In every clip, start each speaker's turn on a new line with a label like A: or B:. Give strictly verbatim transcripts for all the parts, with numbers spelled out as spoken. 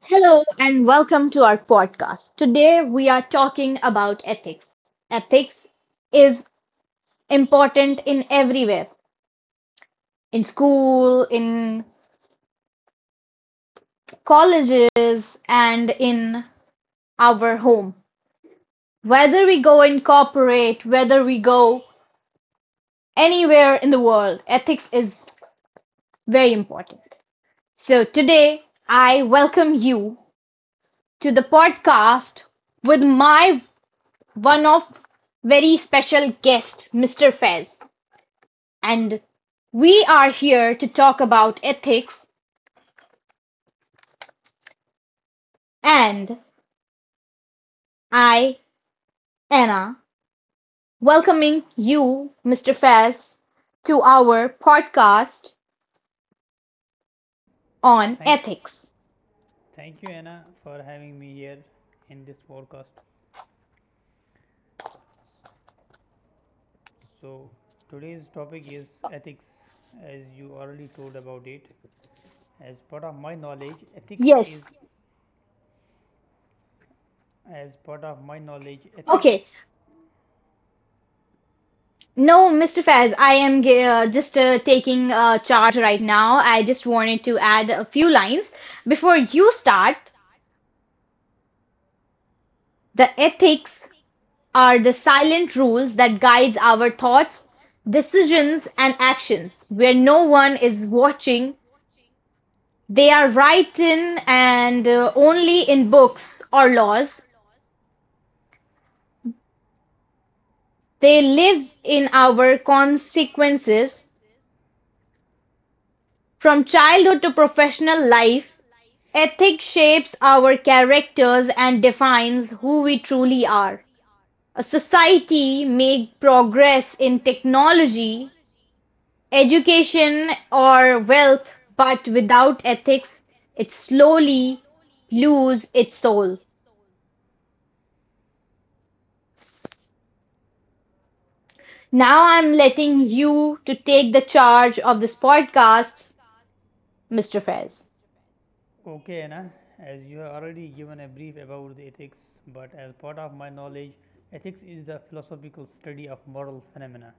A: Hello and welcome to our podcast. Today we are talking about ethics. Ethics is important in everywhere, in school, in colleges, and in our home. Whether we go in corporate, whether we go anywhere in the world, ethics is very important. So today I welcome you to the podcast with my one of very special guest, mister Fez, and we are here to talk about ethics. And I, Anna, welcoming you, mister Faz, to our podcast on
B: Thank,
A: ethics.
B: thank you, Anna, for having me here in this podcast. So today's topic is ethics, as you already told about it. As part of my knowledge, ethics is,
A: Yes.
B: as part of my knowledge, ethics.
A: Okay. No, mister Faz, I am uh, just uh, taking uh, charge right now. I just wanted to add a few lines. Before you start, the ethics are the silent rules that guides our thoughts, decisions and actions. Where no one is watching, they are written and uh, only in books or laws. They live in our consequences from childhood to professional life. Ethics shapes our characters and defines who we truly are. A society make progress in technology, education, or wealth, but without ethics, it slowly lose its soul. Now I'm letting you to take the charge of this podcast, mister Fez.
B: Okay, Anna, as you have already given a brief about the ethics, but as part of my knowledge, ethics is the philosophical study of moral phenomena,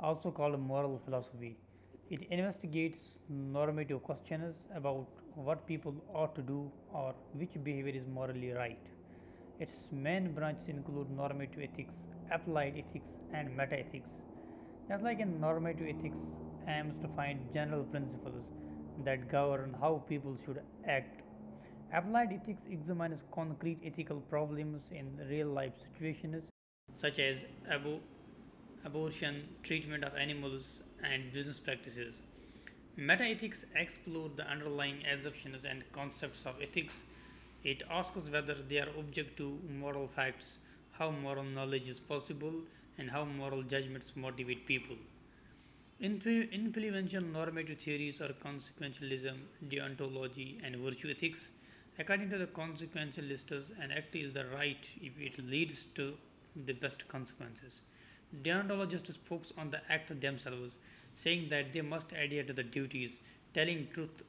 B: also called moral philosophy. It investigates normative questions about what people ought to do or which behavior is morally right. Its main branches include normative ethics, applied ethics, and metaethics. Just like in normative ethics, aims to find general principles that govern how people should act. Applied ethics examines concrete ethical problems in real life situations, such as Abu abortion, treatment of animals, and business practices. Metaethics explore the underlying assumptions and concepts of ethics. It asks whether they are object to moral facts, how moral knowledge is possible, and how moral judgments motivate people. Influ- Influential normative theories are consequentialism, deontology, and virtue ethics. According to the consequentialists, an act is the right if it leads to the best consequences. Deontologists focus on the act themselves, saying that they must adhere to the duties, telling truth,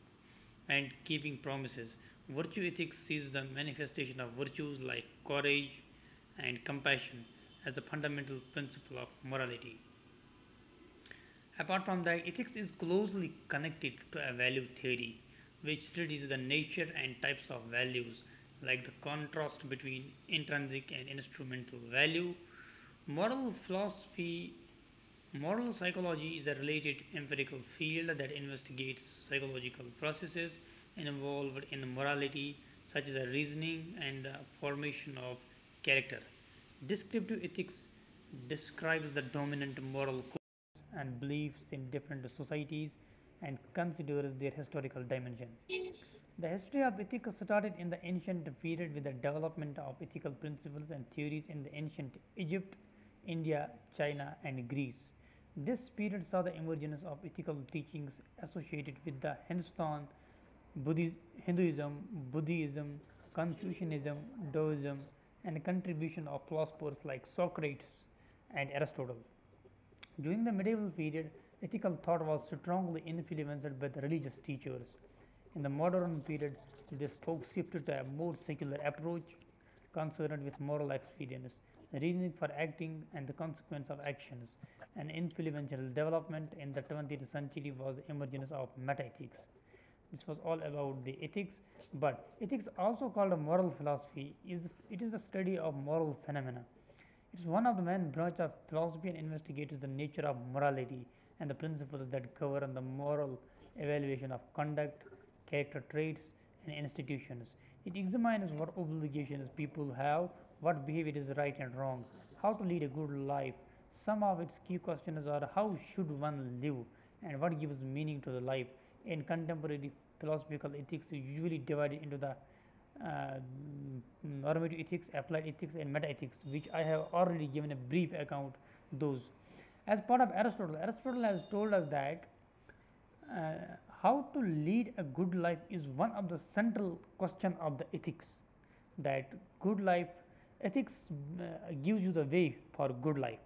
B: and keeping promises. Virtue ethics sees the manifestation of virtues like courage and compassion as the fundamental principle of morality. Apart from that, ethics is closely connected to a value theory, which studies the nature and types of values, like the contrast between intrinsic and instrumental value. Moral philosophy Moral psychology is a related empirical field that investigates psychological processes involved in morality, such as reasoning and the formation of character. Descriptive ethics describes the dominant moral codes and beliefs in different societies and considers their historical dimension. The history of ethics started in the ancient period with the development of ethical principles and theories in the ancient Egypt, India, China, and Greece. This period saw the emergence of ethical teachings associated with the Hindustan, Buddhism, Hinduism, Buddhism, Confucianism, Taoism, and the contribution of philosophers like Socrates and Aristotle. During the medieval period, ethical thought was strongly influenced by the religious teachers in the modern period, this Pope shifted to a more secular approach concerned with moral experience, reasoning for acting, and the consequence of actions. An influential development in the twentieth century was the emergence of metaethics. This was all about the ethics, but ethics, also called a moral philosophy, is it is the study of moral phenomena. It is one of the main branches of philosophy and investigates the nature of morality and the principles that govern the moral evaluation of conduct, character traits, and institutions. It examines what obligations people have, what behavior is right and wrong, how to lead a good life. Some of its key questions are how should one live and what gives meaning to the life. In contemporary philosophical ethics, is usually divided into the uh, normative ethics, applied ethics, and meta ethics, which I have already given a brief account those. As part of Aristotle, Aristotle has told us that uh, how to lead a good life is one of the central question of the ethics. That good life ethics uh, gives you the way for good life.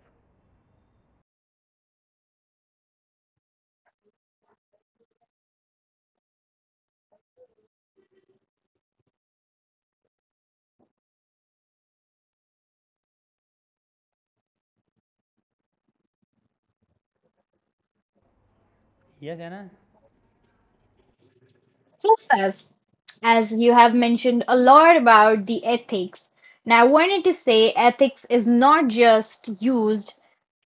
B: Yes, Anna.
C: Yes, as you have mentioned a lot about the ethics. Now, I wanted to say ethics is not just used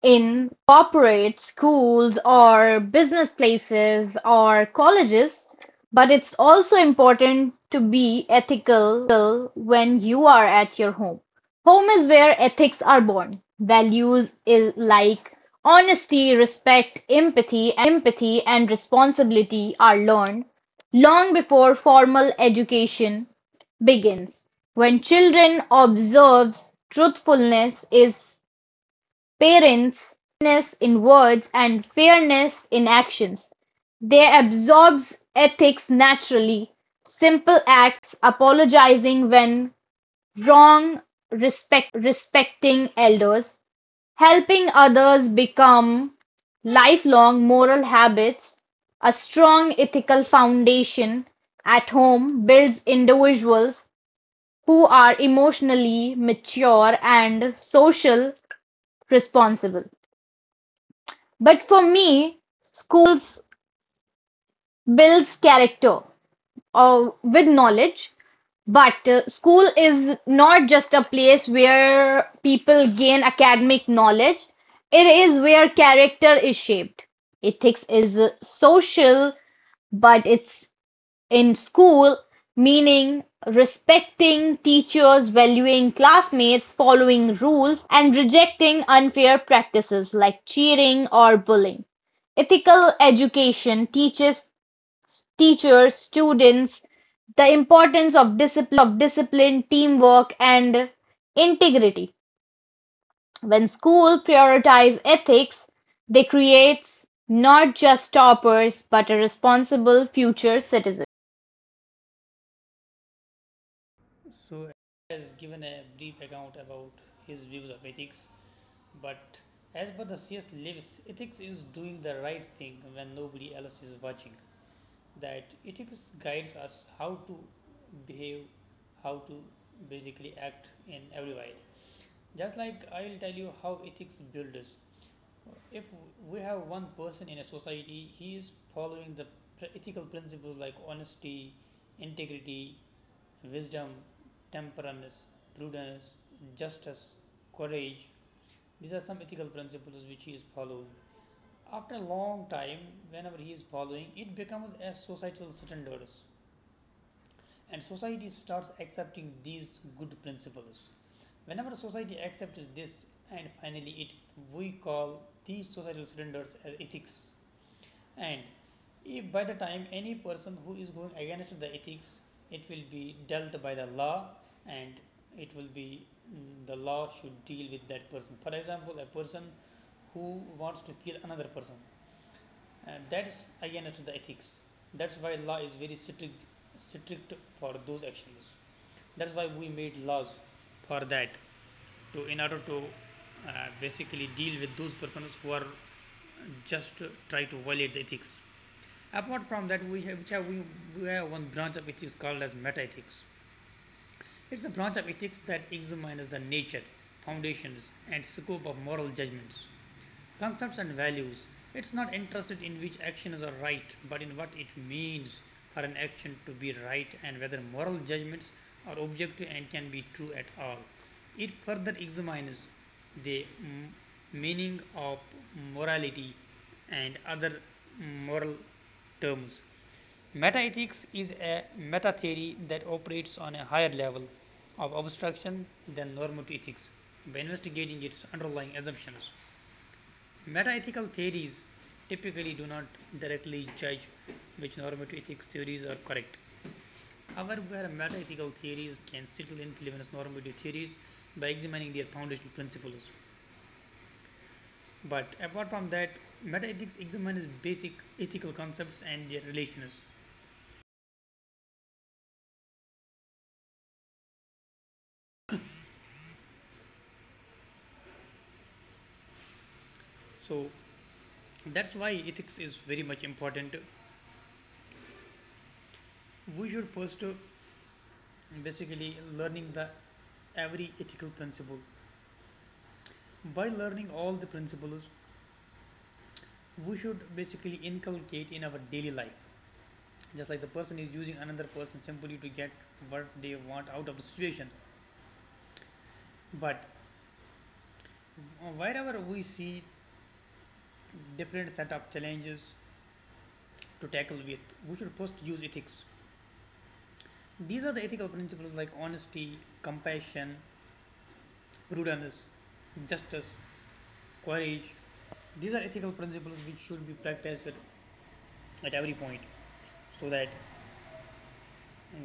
C: in corporate schools or business places or colleges, but it's also important to be ethical when you are at your home. Home is where ethics are born. Values is like honesty, respect, empathy, and responsibility are learned long before formal education begins. When children observes truthfulness is parents, kindness in words and fairness in actions, they absorbs ethics naturally, simple acts, apologizing when wrong, respecting elders, helping others become lifelong moral habits, a strong ethical foundation at home builds individuals who are emotionally mature and social responsible. But for me, schools builds character uh, with knowledge. But uh, school is not just a place where people gain academic knowledge. It is where character is shaped. Ethics is uh, social, but it's in school, meaning respecting teachers, valuing classmates, following rules, and rejecting unfair practices like cheating or bullying. Ethical education teaches teachers, students the importance of discipline, teamwork, and integrity. When school prioritize ethics, they create not just toppers but a responsible future citizen.
B: So has given a brief account about his views of ethics. But as Bodhicius lives, ethics is doing the right thing when nobody else is watching. That ethics guides us how to behave, how to basically act in every way. Just like I'll tell you how ethics builds. If we have one person in a society, he is following the ethical principles like honesty, integrity, wisdom, temperance, prudence, justice, courage, these are some ethical principles which he is following. After a long time, whenever he is following, it becomes as societal standards. And society starts accepting these good principles. Whenever society accepts this, and finally it we call these societal standards as ethics. And if by the time any person who is going against the ethics, it will be dealt by the law and it will be mm, the law should deal with that person. For example, a person who wants to kill another person. And that's against the ethics. That's why law is very strict, strict for those actions. That's why we made laws for that, to in order to uh, basically deal with those persons who are just uh, try to violate the ethics. Apart from that, we have, which have we, we have one branch of ethics called as meta ethics. It's a branch of ethics that examines the nature, foundations, and scope of moral judgments, concepts and values. It's not interested in which actions are right, but in what it means for an action to be right and whether moral judgments are objective and can be true at all. It further examines the mm, meaning of morality and other moral terms. Metaethics is a meta theory that operates on a higher level of abstraction than normative ethics by investigating its underlying assumptions. Metaethical theories typically do not directly judge which normative ethics theories are correct. However, metaethical theories can still influence normative theories by examining their foundational principles. But apart from that, metaethics examines basic ethical concepts and their relations. So that's why ethics is very much important. We should first uh, basically learning the every ethical principle. By learning all the principles, we should basically inculcate in our daily life, just like the person is using another person simply to get what they want out of the situation, but wherever we see different set of challenges to tackle with, we should first use ethics. These are the ethical principles like honesty, compassion, prudence, justice, courage. These are ethical principles which should be practiced at every point so that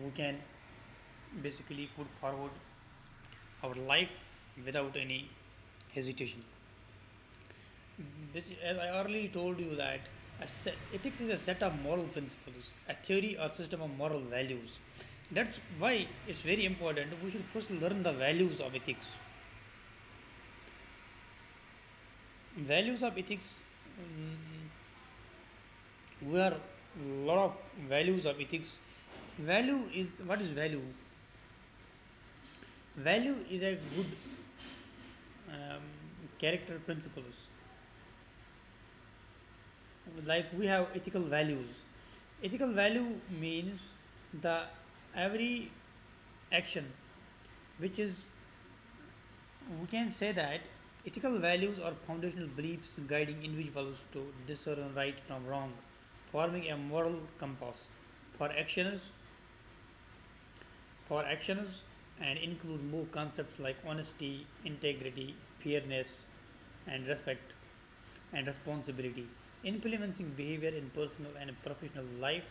B: we can basically put forward our life without any hesitation. This, as I earlier told you that a set, ethics is a set of moral principles, a theory or system of moral values. That's why it's very important. We should first learn the values of ethics. Values of ethics. mm, we are lot of values of ethics. Value is, what is value? Value is a good um, character principles like we have ethical values. Ethical value means the every action which is, we can say that ethical values are foundational beliefs guiding individuals to discern right from wrong, forming a moral compass for actions for actions and include more concepts like honesty, integrity, fairness and respect and responsibility, influencing behavior in personal and professional life,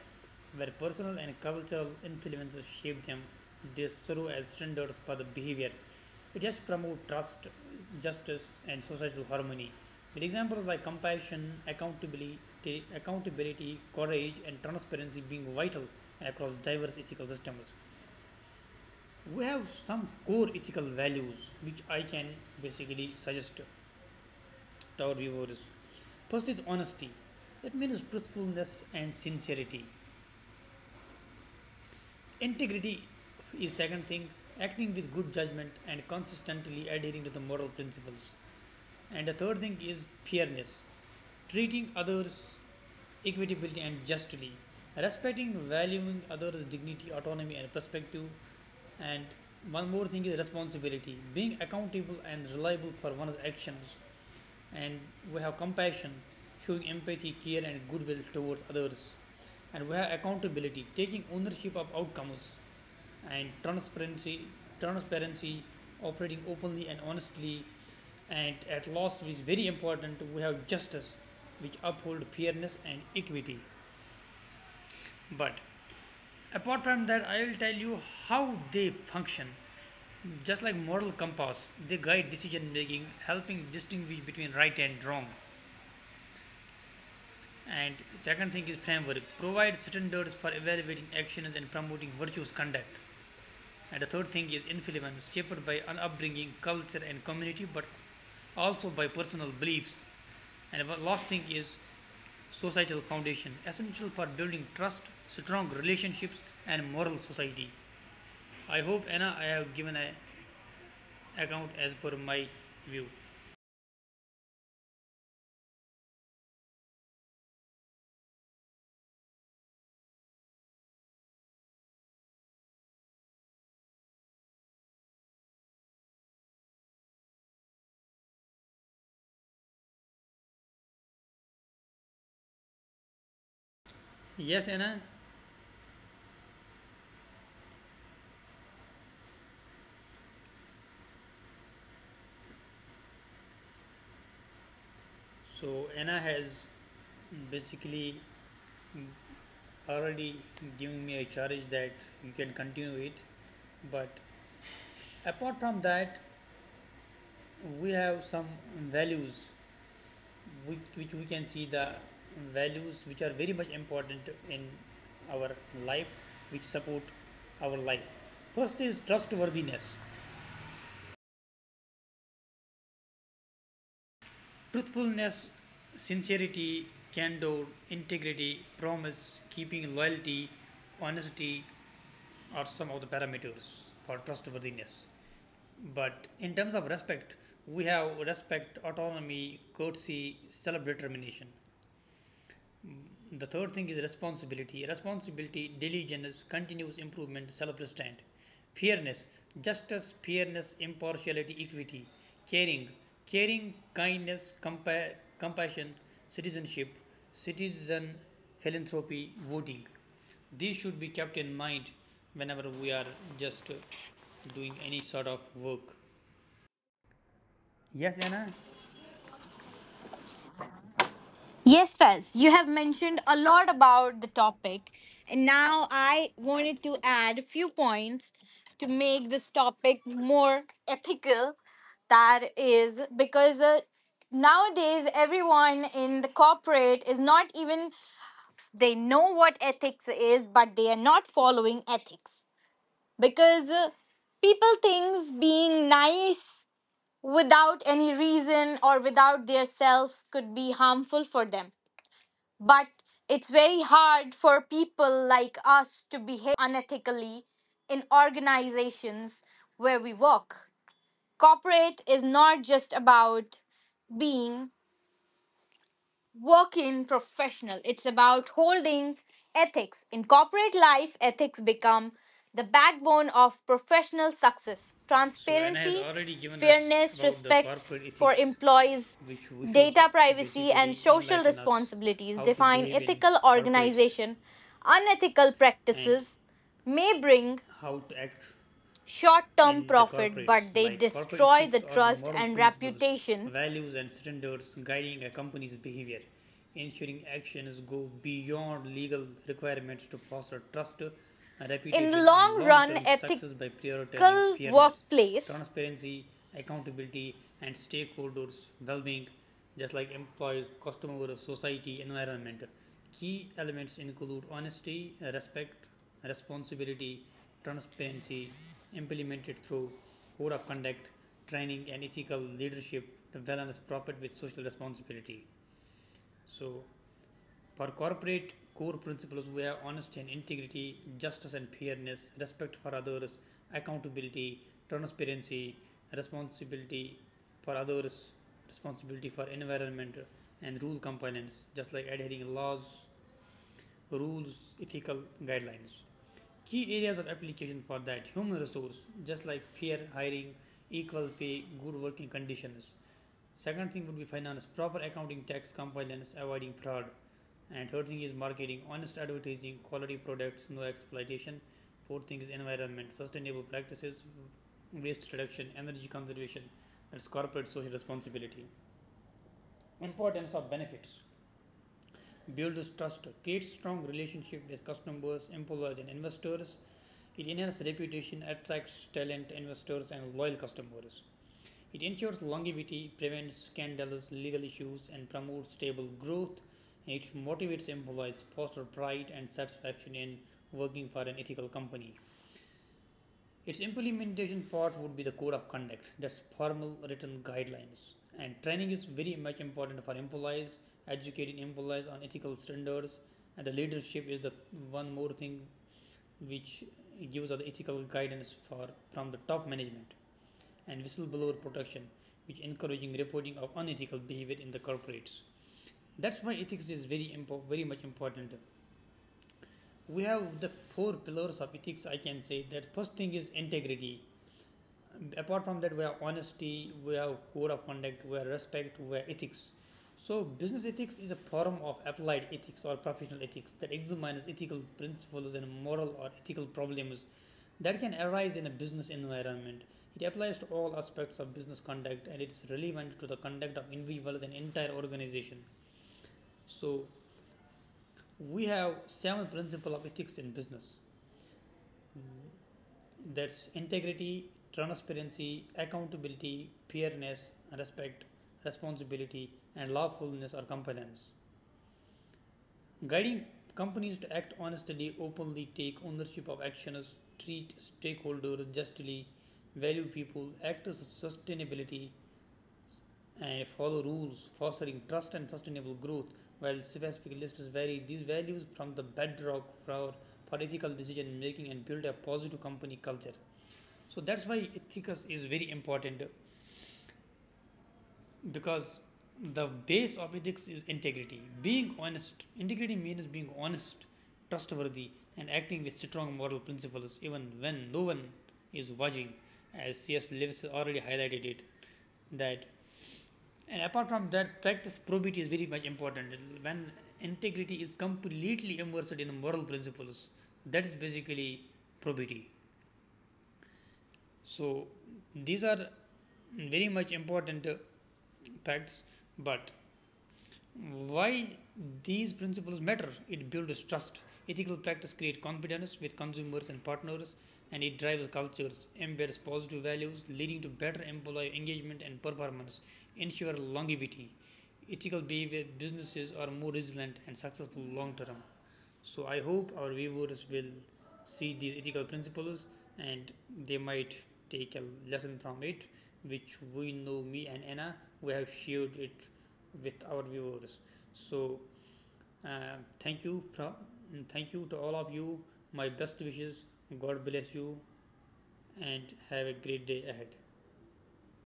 B: where personal and cultural influences shape them, they serve as standards for the behavior. It has promote trust, justice, and societal harmony. With examples like compassion, accountability, accountability, courage, and transparency being vital across diverse ethical systems. We have some core ethical values which I can basically suggest our viewers. First is honesty. That means truthfulness and sincerity. Integrity is second thing, acting with good judgment and consistently adhering to the moral principles. And the third thing is fairness, treating others equitably and justly. Respecting, valuing others' dignity, autonomy and perspective. And one more thing is responsibility, being accountable and reliable for one's actions. And we have compassion, showing empathy, care, and goodwill towards others. And we have accountability, taking ownership of outcomes, and transparency, transparency, operating openly and honestly. And at last, which is very important, we have justice, which uphold fairness and equity. But apart from that, I will tell you how they function. Just like moral compass, they guide decision making, helping distinguish between right and wrong. And second thing is framework, provide standards for evaluating actions and promoting virtuous conduct. And the third thing is influence, shaped by an upbringing, culture, and community, but also by personal beliefs. And the last thing is societal foundation, essential for building trust, strong relationships, and moral society. I hope, Anna, I have given an account as per my view. Yes, Anna. So Anna has basically already giving me a charge that you can continue it. But apart from that, we have some values which, which we can see, the values which are very much important in our life, which support our life. First is trustworthiness, truthfulness, sincerity, candor, integrity, promise, keeping loyalty, honesty are some of the parameters for trustworthiness. But in terms of respect, we have respect, autonomy, courtesy, self determination. The third thing is responsibility. Responsibility, diligence, continuous improvement, self restraint. Fairness, justice, fairness, impartiality, equity. Caring, caring, kindness, compa- compassion, citizenship, citizen philanthropy, voting. These should be kept in mind whenever we are just uh, doing any sort of work. Yes, Anna?
A: Yes, Fez, you have mentioned a lot about the topic, and now I wanted to add a few points to make this topic more ethical. That is because uh, nowadays everyone in the corporate is not even, they know what ethics is, but they are not following ethics because uh, people thinks being nice without any reason or without their self could be harmful for them. But it's very hard for people like us to behave unethically in organizations where we work. Corporate is not just about being working professional. It's about holding ethics. In corporate life, ethics become the backbone of professional success.
B: So Anna has
A: Transparency,
B: already given us
A: fairness,
B: about the
A: respects
B: corporate
A: for
B: ethics,
A: employees,
B: which we should
A: data privacy, and
B: basically
A: social
B: enlighten us
A: responsibilities
B: how to
A: define
B: behave in
A: ethical
B: corporates
A: organization. Unethical
B: and
A: practices may bring
B: how to act
A: short term
B: in the
A: profit,
B: corporates,
A: but they
B: like corporate
A: destroy the
B: ethics are the
A: trust
B: moral
A: and
B: principles,
A: reputation.
B: values, and standards guiding a company's behavior, ensuring actions go beyond legal requirements to foster trust,
A: In the
B: reputation, and
A: long
B: long
A: run,
B: term success by prioritizing
A: ethical
B: fairness,
A: workplace
B: transparency, accountability, and stakeholders' well being, just like employees, customers, society, environment. Key elements include honesty, respect, responsibility, transparency implemented through code of conduct, training, and ethical leadership to balance profit with social responsibility. So, for corporate core principles, we have honesty and integrity, justice and fairness, respect for others, accountability, transparency, responsibility for others, responsibility for environment, and rule compliance, just like adhering laws, rules, ethical guidelines. Key areas of application for that human resource, just like fair hiring, equal pay, good working conditions. Second thing would be finance, proper accounting, tax compliance, avoiding fraud. And third thing is marketing, honest advertising, quality products, no exploitation. Fourth thing is environment, sustainable practices, waste reduction, energy conservation. That's corporate social responsibility. Importance of benefits builds trust, creates strong relationship with customers, employees, and investors. It enhances reputation, attracts talent, investors, and loyal customers. It ensures longevity, prevents scandalous legal issues, and promotes stable growth. And it motivates employees, fosters pride and satisfaction in working for an ethical company. Its implementation part would be the code of conduct, that's formal written guidelines. And training is very much important for employees, educating employees on ethical standards. And the leadership is the one more thing which gives out the ethical guidance for from the top management and whistleblower protection which encouraging reporting of unethical behavior in the corporates. That's why ethics is very impo- very much important. We have the four pillars of ethics, I can say that. First thing is integrity. Apart from that, we have honesty, we have code of conduct, we have respect, we have ethics. So business ethics is a form of applied ethics or professional ethics that examines ethical principles and moral or ethical problems that can arise in a business environment. It applies to all aspects of business conduct and it's relevant to the conduct of individuals and entire organization. So we have seven principles of ethics in business. Mm-hmm. That's integrity, transparency, accountability, fairness, respect, responsibility, and lawfulness or compliance. Guiding companies to act honestly, openly, take ownership of actions, treat stakeholders justly, value people, act as sustainability, and follow rules, fostering trust and sustainable growth. While specific lists vary, these values from the bedrock for, for ethical decision making and build a positive company culture. So that's why ethics is very important, because the base of ethics is integrity. Being honest, integrity means being honest, trustworthy and acting with strong moral principles even when no one is watching, as C S Lewis already highlighted it. That and apart from that, practice probity is very much important. When integrity is completely immersed in moral principles, that is basically probity. So these are very much important uh, facts. But why these principles matter? It builds trust. Ethical practice creates confidence with consumers and partners, and it drives cultures, embeds positive values, leading to better employee engagement and performance, ensure longevity. Ethical behavior businesses are more resilient and successful long term. So I hope our viewers will see these ethical principles and they might take a lesson from it, which we know me and Anna we have shared it with our viewers. So uh, thank you, pro- thank you to all of you. My best wishes. God bless you and have a great day ahead.